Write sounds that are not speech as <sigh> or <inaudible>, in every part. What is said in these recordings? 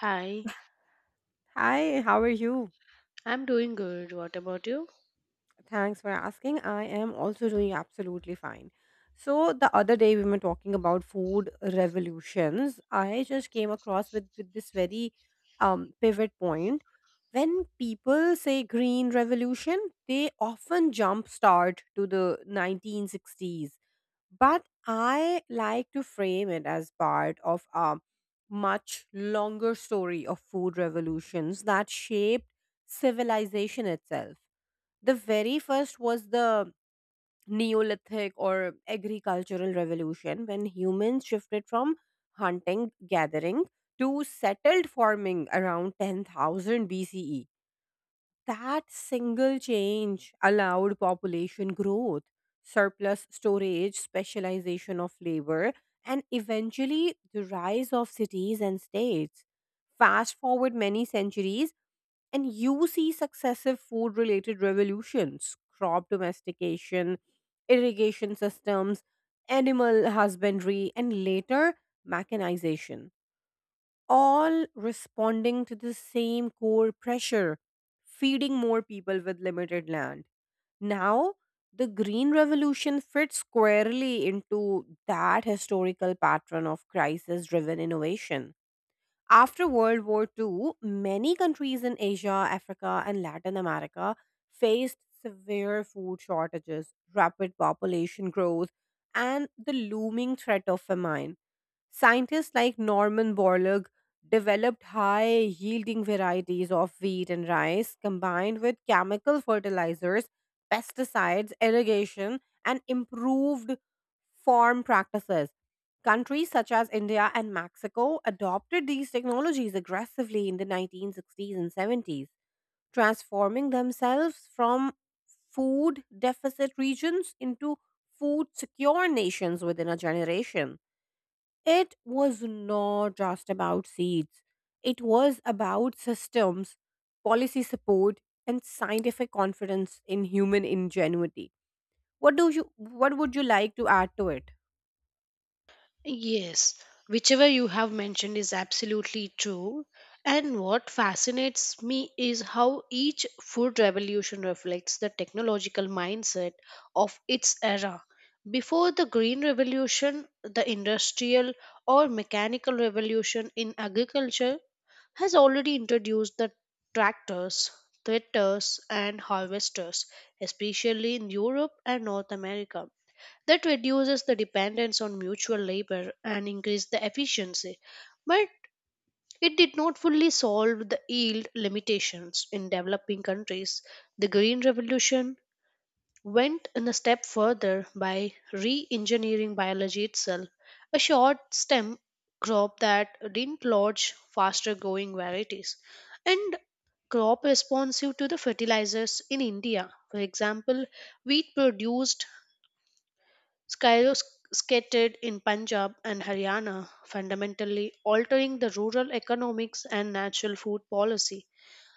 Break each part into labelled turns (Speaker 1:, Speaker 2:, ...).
Speaker 1: Hi,
Speaker 2: Hi, how are you?
Speaker 1: I'm doing good. What about you?
Speaker 2: Thanks for asking. I am also doing absolutely fine. So the other day we were talking about food revolutions. I just came across with this very pivot point. When people say green revolution, they often jump start to the 1960s, but I like to frame it as part of a much longer story of food revolutions that shaped civilization itself. The very first was the Neolithic or agricultural revolution, when humans shifted from hunting gathering to settled farming around 10,000 BCE. That single change allowed population growth, surplus storage, specialization of labor, and eventually the rise of cities and states. Fast forward many centuries, and you see successive food related revolutions, crop domestication, irrigation systems, animal husbandry, and later mechanization, all responding to the same core pressure, feeding more people with limited land. Now, the Green Revolution fits squarely into that historical pattern of crisis driven innovation. After World War II, many countries in Asia, Africa, and Latin America faced severe food shortages, rapid population growth, and the looming threat of famine. Scientists like Norman Borlaug developed high yielding varieties of wheat and rice combined with chemical fertilizers, pesticides, irrigation, and improved farm practices. Countries such as India and Mexico adopted these technologies aggressively in the 1960s and 70s, transforming themselves from food deficit regions into food secure nations within a generation. It was not just about seeds, it was about systems, policy support, and scientific confidence in human ingenuity. What would you like to add to it?
Speaker 1: Yes, whichever you have mentioned is absolutely true. And what fascinates me is how each food revolution reflects the technological mindset of its era. Before the Green Revolution, the industrial or mechanical revolution in agriculture has already introduced the tractors, tractors, and harvesters, especially in Europe and North America. That reduces the dependence on mutual labor and increases the efficiency. But it did not fully solve the yield limitations in developing countries. The Green Revolution went in a step further by re engineering biology itself, a short stem crop that didn't lodge faster growing varieties, and crop responsive to the fertilizers in India. For example, wheat produced skyrocketed in Punjab and Haryana, fundamentally altering the rural economics and natural food policy.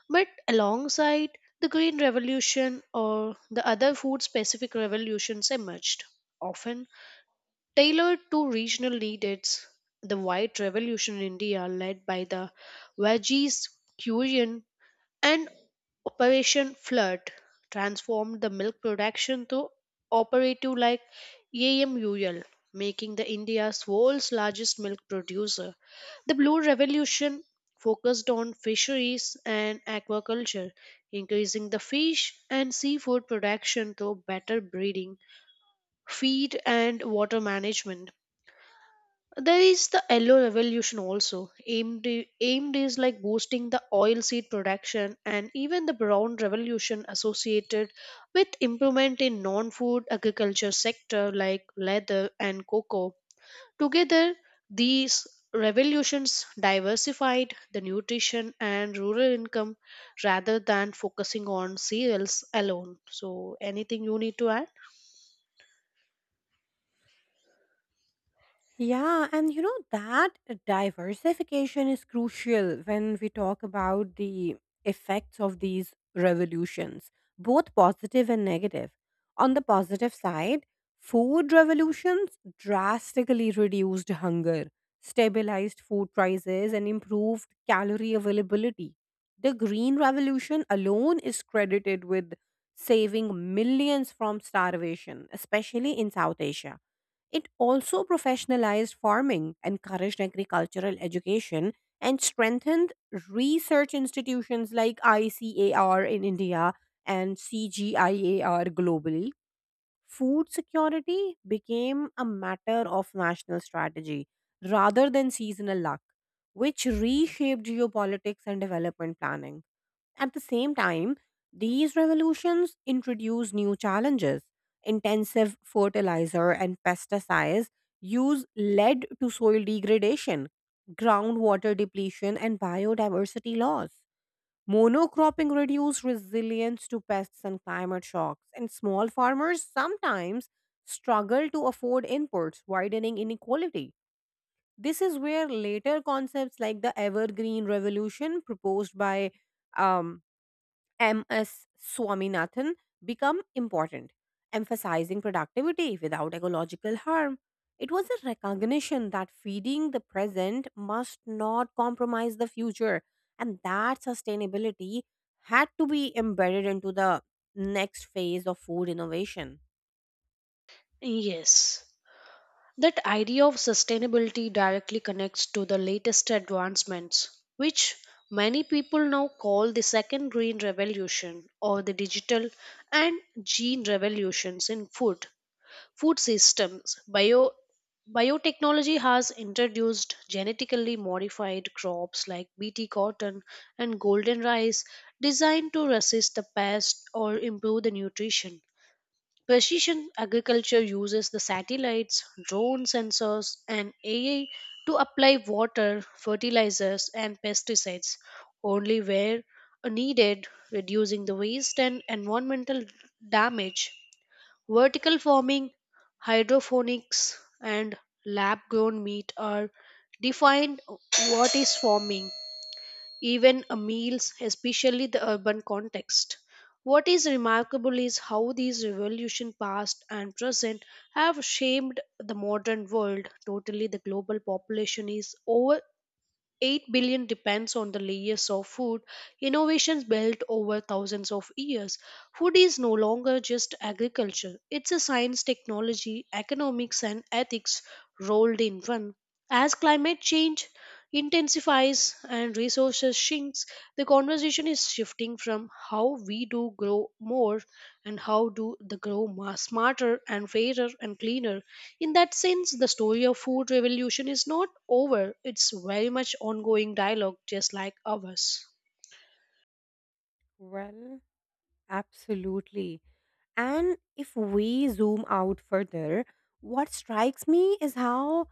Speaker 1: But alongside the Green Revolution or the other food specific revolutions emerged, often tailored to regional needs. The White Revolution in India, led by the Vajis Kurian and Operation Flood transformed the milk production to operative like AMUL, making the India's world's largest milk producer. The Blue Revolution focused on fisheries and aquaculture, increasing the fish and seafood production through better breeding, feed and water management. There is the yellow revolution also. Aimed is like boosting the oilseed production, and even the brown revolution associated with improvement in non-food agriculture sector like leather and cocoa. Together, these revolutions diversified the nutrition and rural income rather than focusing on cereals alone. So anything you need to add?
Speaker 2: Yeah, and you know that diversification is crucial when we talk about the effects of these revolutions, both positive and negative. On the positive side, food revolutions drastically reduced hunger, stabilized food prices, and improved calorie availability. The Green Revolution alone is credited with saving millions from starvation, especially in South Asia. It also professionalized farming, encouraged agricultural education, and strengthened research institutions like ICAR in India and CGIAR globally. Food security became a matter of national strategy rather than seasonal luck, which reshaped geopolitics and development planning. At the same time, these revolutions introduce new challenges. Intensive fertilizer and pesticides use led to soil degradation, groundwater depletion, and biodiversity loss. Monocropping reduced resilience to pests and climate shocks, and small farmers sometimes struggle to afford inputs, widening inequality. This is where later concepts like the evergreen revolution proposed by um, MS Swaminathan become important, emphasizing productivity without ecological harm. It was a recognition that feeding the present must not compromise the future, and that sustainability had to be embedded into the next phase of food innovation.
Speaker 1: Yes. That idea of sustainability directly connects to the latest advancements, which many people now call the second green revolution or the digital and gene revolutions in food systems, Biotechnology has introduced genetically modified crops like BT cotton and golden rice designed to resist the pest or improve the nutrition. Precision agriculture uses the satellites, drone sensors, and AI to apply water, fertilizers, and pesticides only where needed, reducing the waste and environmental damage. Vertical farming, hydroponics, and lab grown meat are defined what is farming even a meals, especially the urban context. What is remarkable is how these revolution past and present have shaped the modern world. Totally the global population is over 8 billion depends on the layers of food innovations built over thousands of years. Food is no longer just agriculture, it's a science, technology, economics, and ethics rolled in one. As climate change intensifies and resources shrinks, the conversation is shifting from how we do grow more and how do the grow smarter and fairer and cleaner. In that sense, the story of food revolution is not over. It's very much ongoing dialogue, just like ours.
Speaker 2: Well, absolutely. And if we zoom out further, what strikes me is how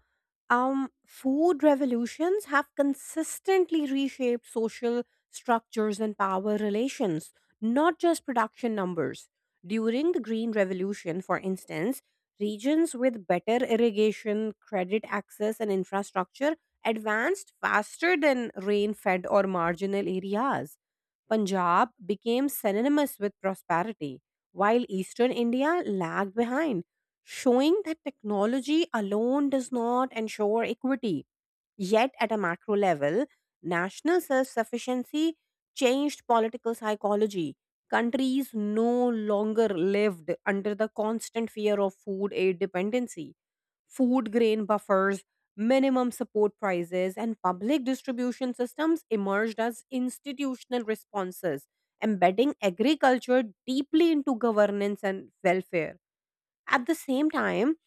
Speaker 2: food revolutions have consistently reshaped social structures and power relations, not just production numbers. During the Green Revolution, for instance, regions with better irrigation, credit access, and infrastructure advanced faster than rain fed or marginal areas. Punjab became synonymous with prosperity while Eastern India lagged behind, showing that technology alone does not ensure equity. Yet, at a macro level, national self sufficiency changed political psychology. Countries no longer lived under the constant fear of food aid dependency. Food grain buffers, minimum support prices, and public distribution systems emerged as institutional responses, embedding agriculture deeply into governance and welfare. At the same time,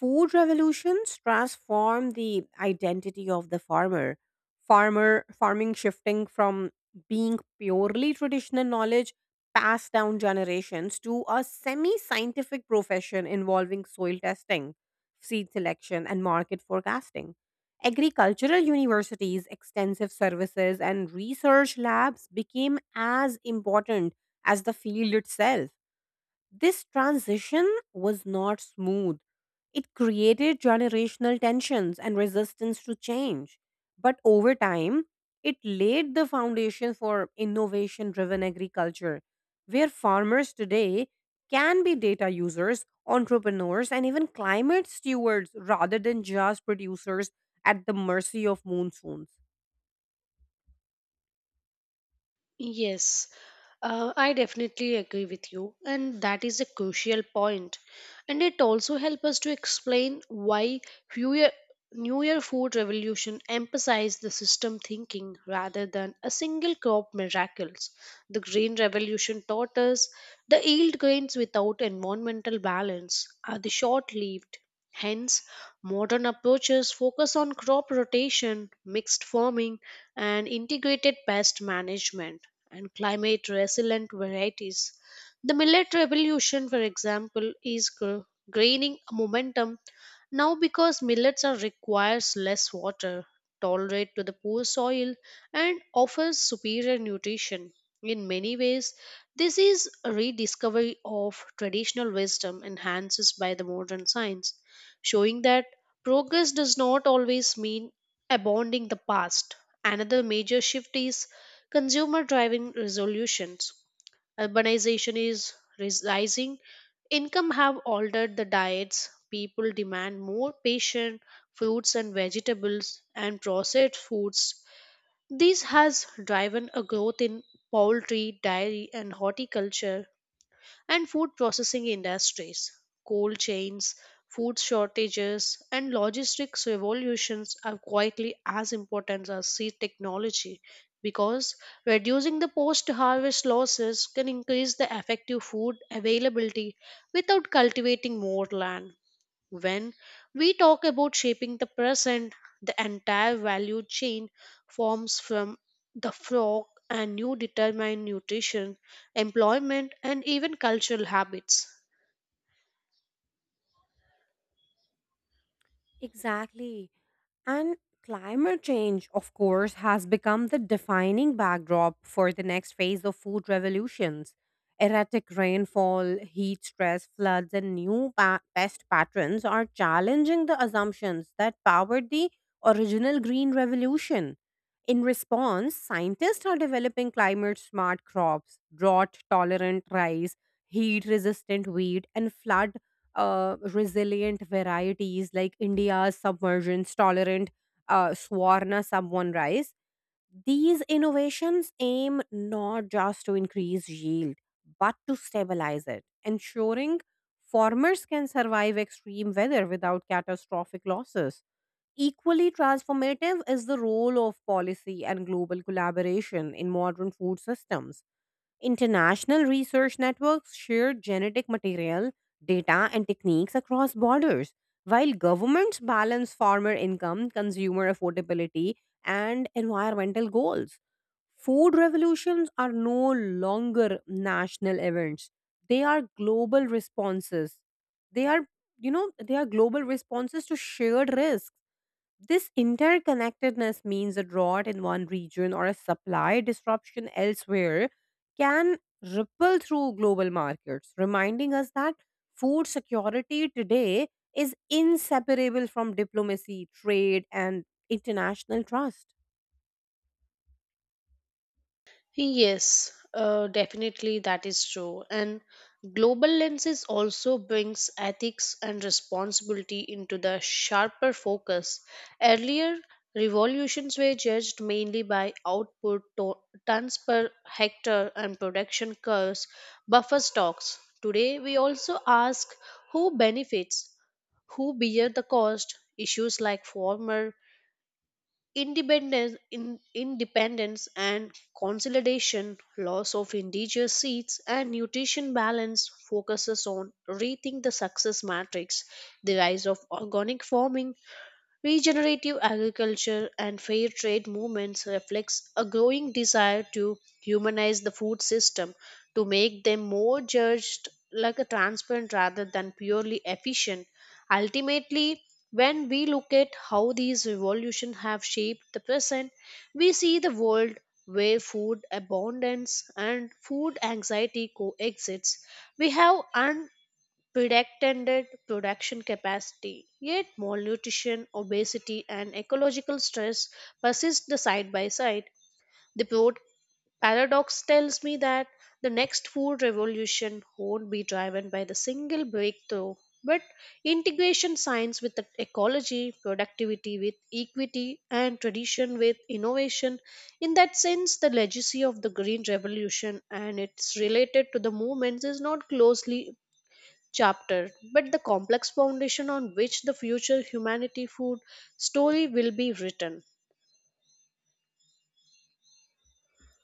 Speaker 2: food revolutions transformed the identity of the farmer. Farming shifting from being purely traditional knowledge passed down generations to a semi-scientific profession involving soil testing, seed selection, and market forecasting. Agricultural universities, extensive services, and research labs became as important as the field itself. This transition was not smooth. It created generational tensions and resistance to change. But over time, it laid the foundation for innovation driven agriculture, where farmers today can be data users, entrepreneurs, and even climate stewards rather than just producers at the mercy of monsoons.
Speaker 1: Yes, I definitely agree with you, and that is a crucial point. And it also helps us to explain why New Year, New Year food revolution emphasized the system thinking rather than a single crop miracles. The grain revolution taught us the yield grains without environmental balance are the short-lived. Hence, modern approaches focus on crop rotation, mixed farming, and integrated pest management and climate resilient varieties. The millet revolution, for example, is gaining momentum now because millets are requires less water, tolerate to the poor soil, and offers superior nutrition. In many ways, this is a rediscovery of traditional wisdom enhances by the modern science, showing that progress does not always mean abandoning the past. Another major shift is consumer driving resolutions. Urbanization is rising, income have altered the diets, people demand more patient fruits and vegetables and processed foods. This has driven a growth in poultry, dairy and horticulture and food processing industries. Cold chains, food shortages, and logistics revolutions are quietly as important as seed technology, because reducing the post harvest losses can increase the effective food availability without cultivating more land. When we talk about shaping the present, the entire value chain forms from the flock and you determine nutrition, employment, and even cultural habits.
Speaker 2: Exactly. And climate change, of course, has become the defining backdrop for the next phase of food revolutions. Erratic rainfall, heat stress, floods, and new pest patterns are challenging the assumptions that powered the original green revolution. In response, scientists are developing climate smart crops, drought tolerant rice, heat resistant wheat, and flood resilient varieties like India's submergence tolerant Swarna Sub1 rice. These innovations aim not just to increase yield, but to stabilize it, ensuring farmers can survive extreme weather without catastrophic losses. Equally transformative is the role of policy and global collaboration in modern food systems. International research networks share genetic material, data, and techniques across borders, while governments balance farmer income, consumer affordability, and environmental goals. Food revolutions are no longer national events, they are global responses. They are, they are global responses to shared risk. This interconnectedness means a drought in one region or a supply disruption elsewhere can ripple through global markets, reminding us that food security today is inseparable from diplomacy, trade, and international trust.
Speaker 1: Yes, definitely that is true. And global lenses also brings ethics and responsibility into the sharper focus. Earlier, revolutions were judged mainly by output, tons per hectare, and production curves, buffer stocks. Today, we also ask who benefits, who bear the cost. Issues like farmer independence and consolidation, loss of indigenous seeds, and nutrition balance focuses on rethink the success matrix, the rise of organic farming, regenerative agriculture and fair trade movements reflects a growing desire to humanize the food system, to make them more judged like a transparent rather than purely efficient. Ultimately, when we look at how these revolutions have shaped the present, we see the world where food abundance and food anxiety coexists. We have an pretended production capacity. Yet, malnutrition, obesity, and ecological stress persist the side by side. The broad paradox tells me that the next food revolution won't be driven by the single breakthrough, but integration science with the ecology, productivity with equity, and tradition with innovation. In that sense, the legacy of the Green Revolution and its related to the movements is not closely chapter, but the complex foundation on which the future humanity food story will be written.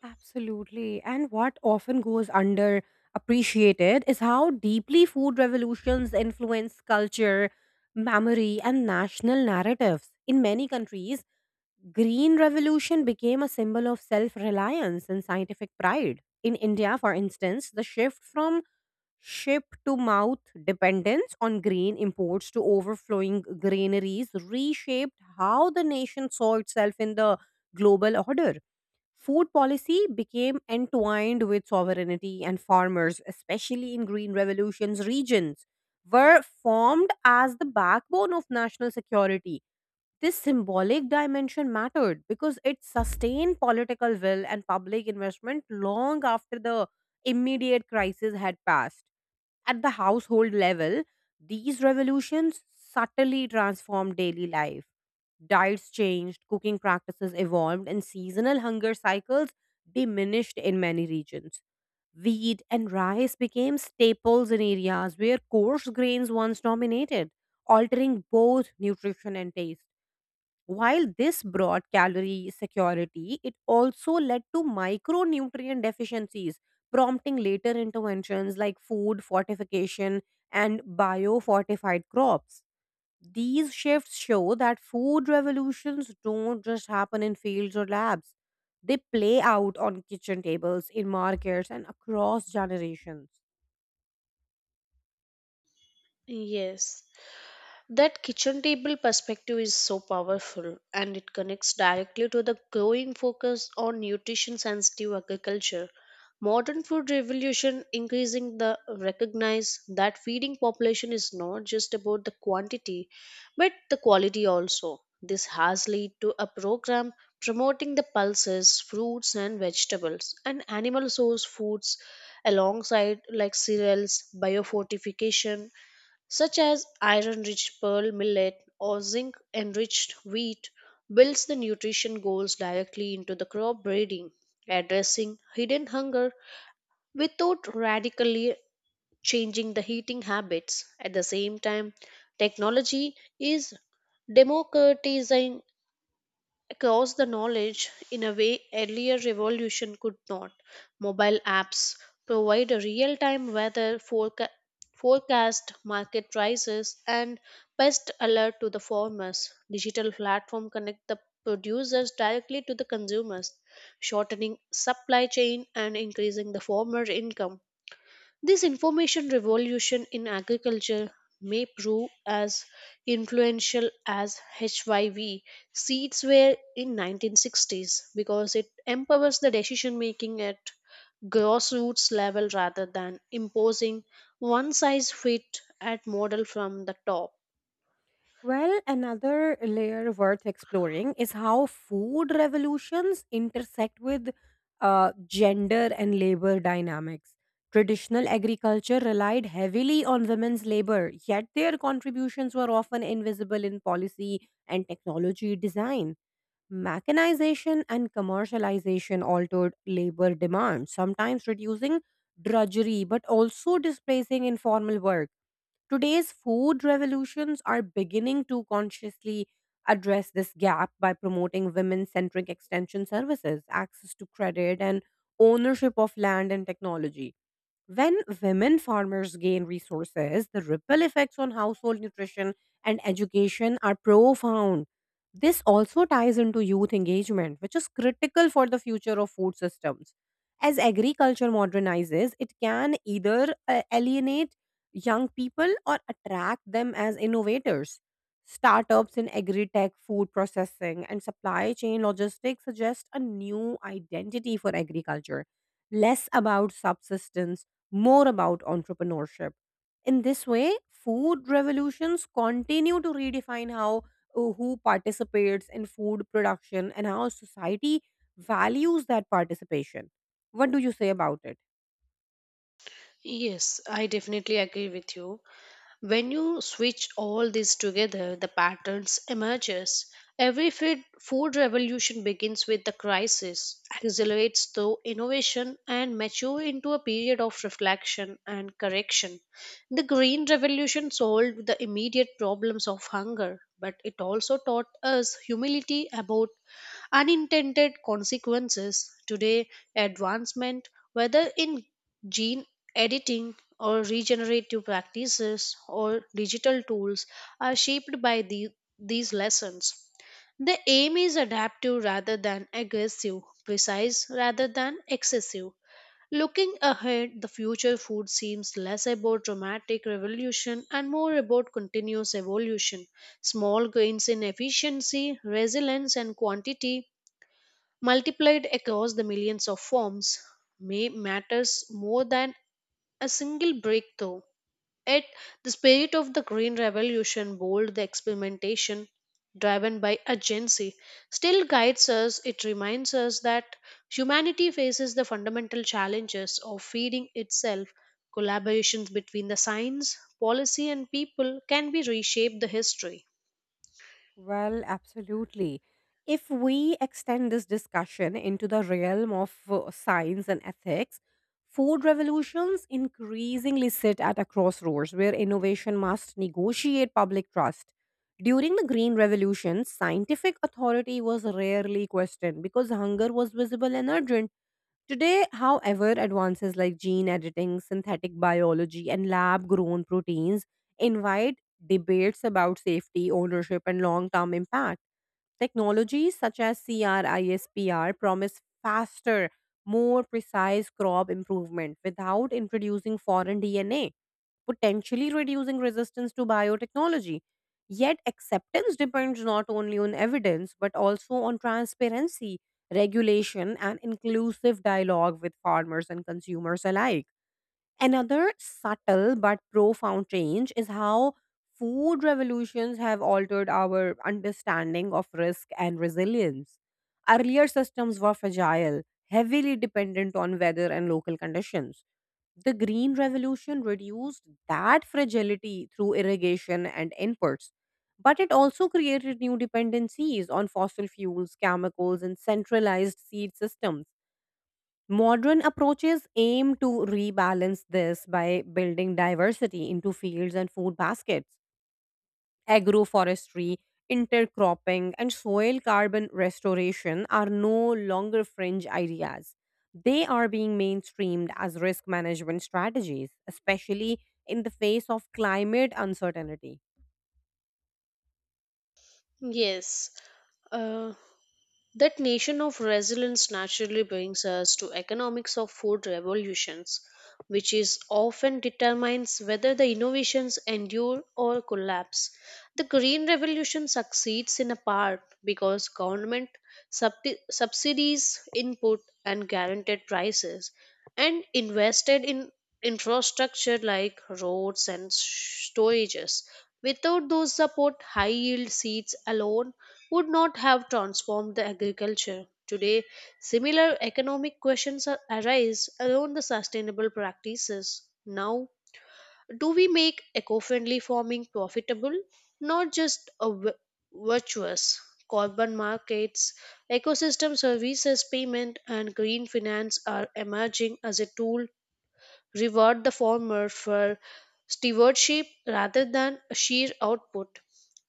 Speaker 2: Absolutely. And what often goes under appreciated is how deeply food revolutions influence culture, memory, and national narratives. In many countries, Green Revolution became a symbol of self-reliance and scientific pride. In India, for instance, the shift from ship to mouth dependence on green imports to overflowing granaries reshaped how the nation saw itself in the global order. Food policy became entwined with sovereignty, and farmers, especially in green revolution's regions, were formed as the backbone of national security. This symbolic dimension mattered because it sustained political will and public investment long after the immediate crisis had passed. At the household level, these revolutions subtly transformed daily life. Diets changed, cooking practices evolved, and seasonal hunger cycles diminished in many regions. Wheat and rice became staples in areas where coarse grains once dominated, altering both nutrition and taste. While this brought calorie security, it also led to micronutrient deficiencies, prompting later interventions like food fortification and biofortified crops. These shifts show that food revolutions don't just happen in fields or labs, they play out on kitchen tables, in markets, and across generations.
Speaker 1: Yes. That kitchen table perspective is so powerful, and it connects directly to the growing focus on nutrition sensitive agriculture. Modern food revolution increasing the recognize that feeding population is not just about the quantity but the quality also. This has led to a program promoting the pulses, fruits and vegetables and animal source foods alongside like cereals, biofortification such as iron rich pearl millet or zinc enriched wheat, builds the nutrition goals directly into the crop breeding, addressing hidden hunger without radically changing the heating habits. At the same time, technology is democratizing across the knowledge in a way earlier revolution could not. Mobile apps provide a real-time weather forecast, market prices, and pest alert to the farmers. Digital platform connect the producers directly to the consumers, shortening supply chain and increasing the farmer income. This information revolution in agriculture may prove as influential as HYV seeds were in 1960s, because it empowers the decision making at grassroots level rather than imposing one size fit at model from the top.
Speaker 2: Well, another layer worth exploring is how food revolutions intersect with gender and labor dynamics. Traditional agriculture relied heavily on women's labor, yet their contributions were often invisible in policy and technology design. Mechanization and commercialization altered labor demand, sometimes reducing drudgery but also displacing informal work. Today's food revolutions are beginning to consciously address this gap by promoting women centric extension services, access to credit, and ownership of land and technology. When women farmers gain resources, the ripple effects on household nutrition and education are profound. This also ties into youth engagement, which is critical for the future of food systems. As agriculture modernizes, it can either alienate young people or attract them as innovators. Startups in agri tech, food processing, and supply chain logistics suggest a new identity for agriculture, less about subsistence, more about entrepreneurship. In this way, food revolutions continue to redefine how who participates in food production and how society values that participation. What do you say about it?
Speaker 1: Yes, I definitely agree with you. When you switch all this together, the patterns emerges. Every food revolution begins with the crisis, accelerates through innovation, and mature into a period of reflection and correction. The Green Revolution solved the immediate problems of hunger, but it also taught us humility about unintended consequences. Today, advancement, whether in gene editing or regenerative practices or digital tools are shaped by these lessons. The aim is adaptive rather than aggressive, precise rather than excessive. Looking ahead, the future food seems less about dramatic revolution and more about continuous evolution. Small gains in efficiency, resilience, and quantity multiplied across the millions of forms may matters more than a single breakthrough. Yet, the spirit of the Green Revolution, bold the experimentation driven by urgency, still guides us. It reminds us that humanity faces the fundamental challenges of feeding itself. Collaborations between the science, policy, and people can be reshaped the history.
Speaker 2: Well, absolutely. If we extend this discussion into the realm of science and ethics, food revolutions increasingly sit at a crossroads where innovation must negotiate public trust. During the Green Revolution, scientific authority was rarely questioned because hunger was visible and urgent. Today, however, advances like gene editing, synthetic biology, and lab grown proteins invite debates about safety, ownership, and long term impact. Technologies such as CRISPR promise faster, more precise crop improvement without introducing foreign DNA, potentially reducing resistance to biotechnology. Yet, acceptance depends not only on evidence but also on transparency, regulation, and inclusive dialogue with farmers and consumers alike. Another subtle but profound change is how food revolutions have altered our understanding of risk and resilience. Earlier systems were fragile, heavily dependent on weather and local conditions. The Green Revolution reduced that fragility through irrigation and inputs, but it also created new dependencies on fossil fuels, chemicals, and centralized seed systems. Modern approaches aim to rebalance this by building diversity into fields and food baskets. Agroforestry, intercropping, and soil carbon restoration are no longer fringe ideas. They are being mainstreamed as risk management strategies, especially in the face of climate uncertainty.
Speaker 1: Yes. Uh, That nation of resilience naturally brings us to economics of food revolutions, which is often determines whether the innovations endure or collapse. The green revolution succeeds in a part because government subsidies input and guaranteed prices and invested in infrastructure like roads and storages. Without those support, high yield seeds alone would not have transformed the agriculture. Today, similar economic questions arise around the sustainable practices. Now, do we make eco-friendly farming profitable, not just a virtuous? Carbon markets, ecosystem services payment, and green finance are emerging as a tool reward the former for stewardship rather than sheer output.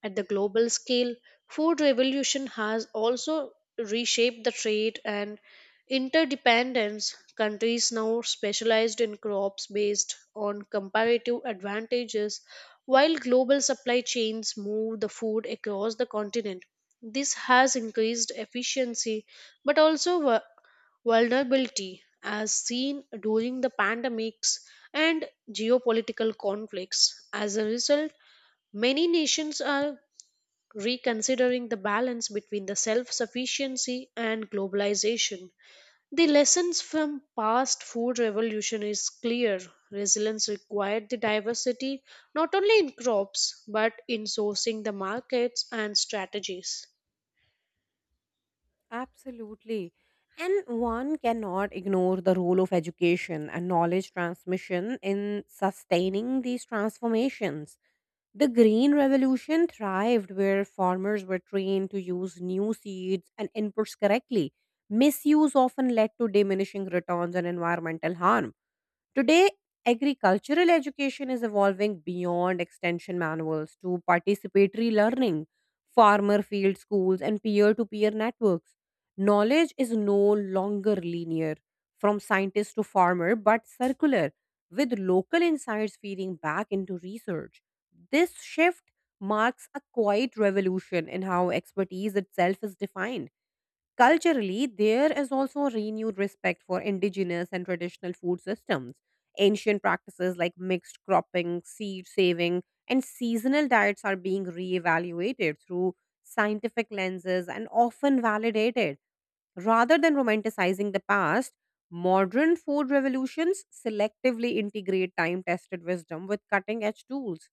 Speaker 1: At the global scale, food revolution has also reshaped the trade and interdependence. Countries now specialized in crops based on comparative advantages, while global supply chains move the food across the continent. This has increased efficiency but also vulnerability as seen during the pandemics and geopolitical conflicts. As a result, many nations are reconsidering the balance between the self sufficiency and globalization. The lessons from past food revolution is clear. Resilience required the diversity not only in crops but in sourcing the markets and strategies.
Speaker 2: Absolutely. And one cannot ignore the role of education and knowledge transmission in sustaining these transformations. The Green Revolution thrived where farmers were trained to use new seeds and inputs correctly. Misuse often led to diminishing returns and environmental harm. Today, agricultural education is evolving beyond extension manuals to participatory learning, farmer field schools, and peer to peer networks. Knowledge is no longer linear, from scientist to farmer, but circular, with local insights feeding back into research. This shift marks a quiet revolution in how expertise itself is defined. Culturally, there is also renewed respect for indigenous and traditional food systems. Ancient practices like mixed cropping, seed saving, and seasonal diets are being reevaluated through scientific lenses and often validated. Rather than romanticizing the past, modern food revolutions selectively integrate time tested wisdom with cutting edge tools.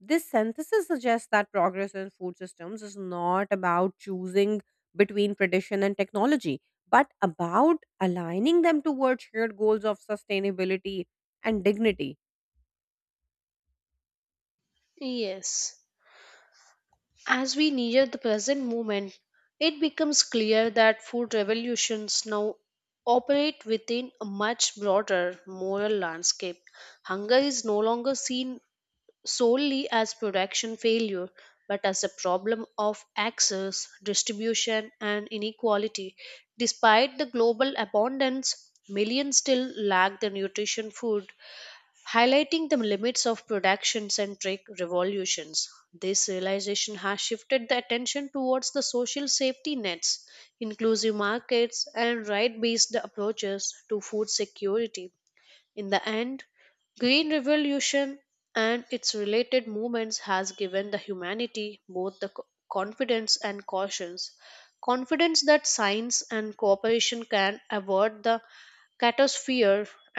Speaker 2: This synthesis suggests that progress in food systems is not about choosing between tradition and technology, but about aligning them towards shared goals of sustainability and dignity.
Speaker 1: Yes. As we near the present moment, it becomes clear that food revolutions now operate within a much broader moral landscape. Hunger is no longer seen solely as production failure, but as a problem of access, distribution, and inequality. Despite the global abundance, millions still lack the nutrition food, highlighting the limits of production centric revolutions. This realization has shifted the attention towards the social safety nets, inclusive markets, and right based approaches to food security. In the end, Green Revolution and its related movements has given the humanity both the confidence and cautions. Confidence that science and cooperation can avoid the catastrophe,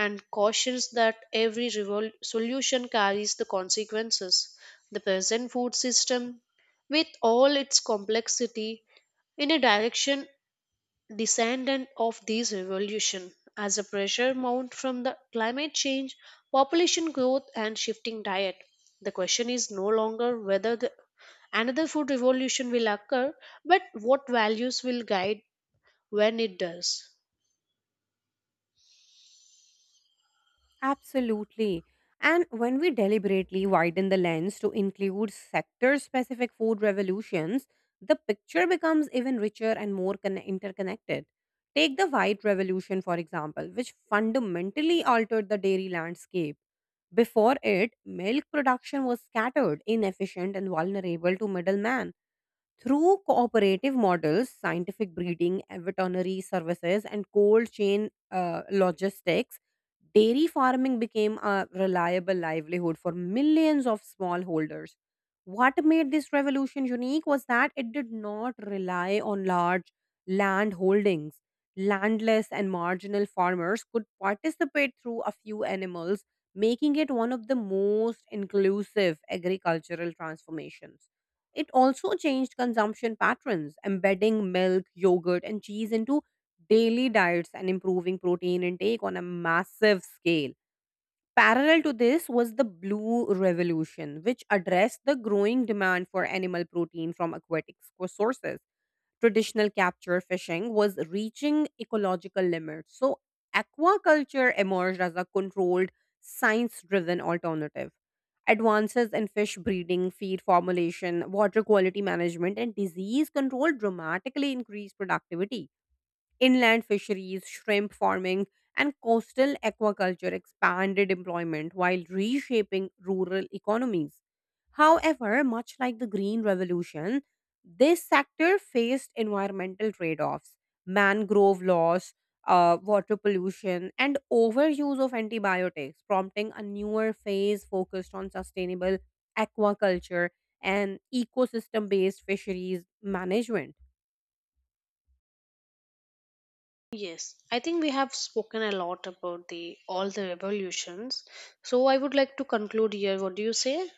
Speaker 1: and cautions that every solution carries the consequences. The present food system, with all its complexity, in a direction descendant of these revolution as the pressure mount from the climate change, population growth and shifting diet, the question is no longer whether another food revolution will occur, but what values will guide when it does.
Speaker 2: Absolutely. And when we deliberately widen the lens to include sector specific food revolutions, the picture becomes even richer and more interconnected. Take the White Revolution, for example, which fundamentally altered the dairy landscape. Before it, milk production was scattered, inefficient, and vulnerable to middlemen. Through cooperative models, scientific breeding, veterinary services, and cold chain logistics, dairy farming became a reliable livelihood for millions of smallholders. What made this revolution unique was that it did not rely on large land holdings. Landless and marginal farmers could participate through a few animals, making it one of the most inclusive agricultural transformations. It also changed consumption patterns, embedding milk, yogurt, and cheese into daily diets and improving protein intake on a massive scale. Parallel to this was the Blue Revolution, which addressed the growing demand for animal protein from aquatic sources. Traditional capture fishing was reaching ecological limits, so aquaculture emerged as a controlled, science driven alternative. Advances in fish breeding, feed formulation, water quality management, and disease control dramatically increased productivity. Inland fisheries, shrimp farming, and coastal aquaculture expanded employment while reshaping rural economies. However, much like the Green Revolution, this sector faced environmental trade offs, mangrove loss, water pollution, and overuse of antibiotics, prompting a newer phase focused on sustainable aquaculture and ecosystem based fisheries management.
Speaker 1: Yes, I think we have spoken a lot about the all the revolutions, so I would like to conclude here. What do you say?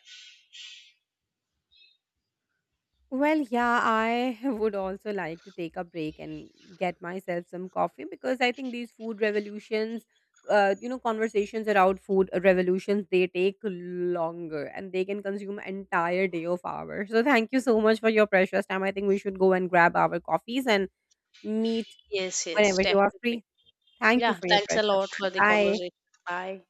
Speaker 2: Well, yeah, I <laughs> would also like to take a break and get myself some coffee because I think these food revolutions, conversations around food revolutions, they take longer and they can consume entire day of hours. So thank you so much for your precious time. I think we should go and grab our coffees and meet
Speaker 1: Yes, yes,
Speaker 2: whenever you are
Speaker 1: definitely.
Speaker 2: free. Thank you
Speaker 1: Yeah,
Speaker 2: for your
Speaker 1: thanks a
Speaker 2: precious
Speaker 1: lot for
Speaker 2: time.
Speaker 1: the
Speaker 2: Bye.
Speaker 1: conversation. Bye.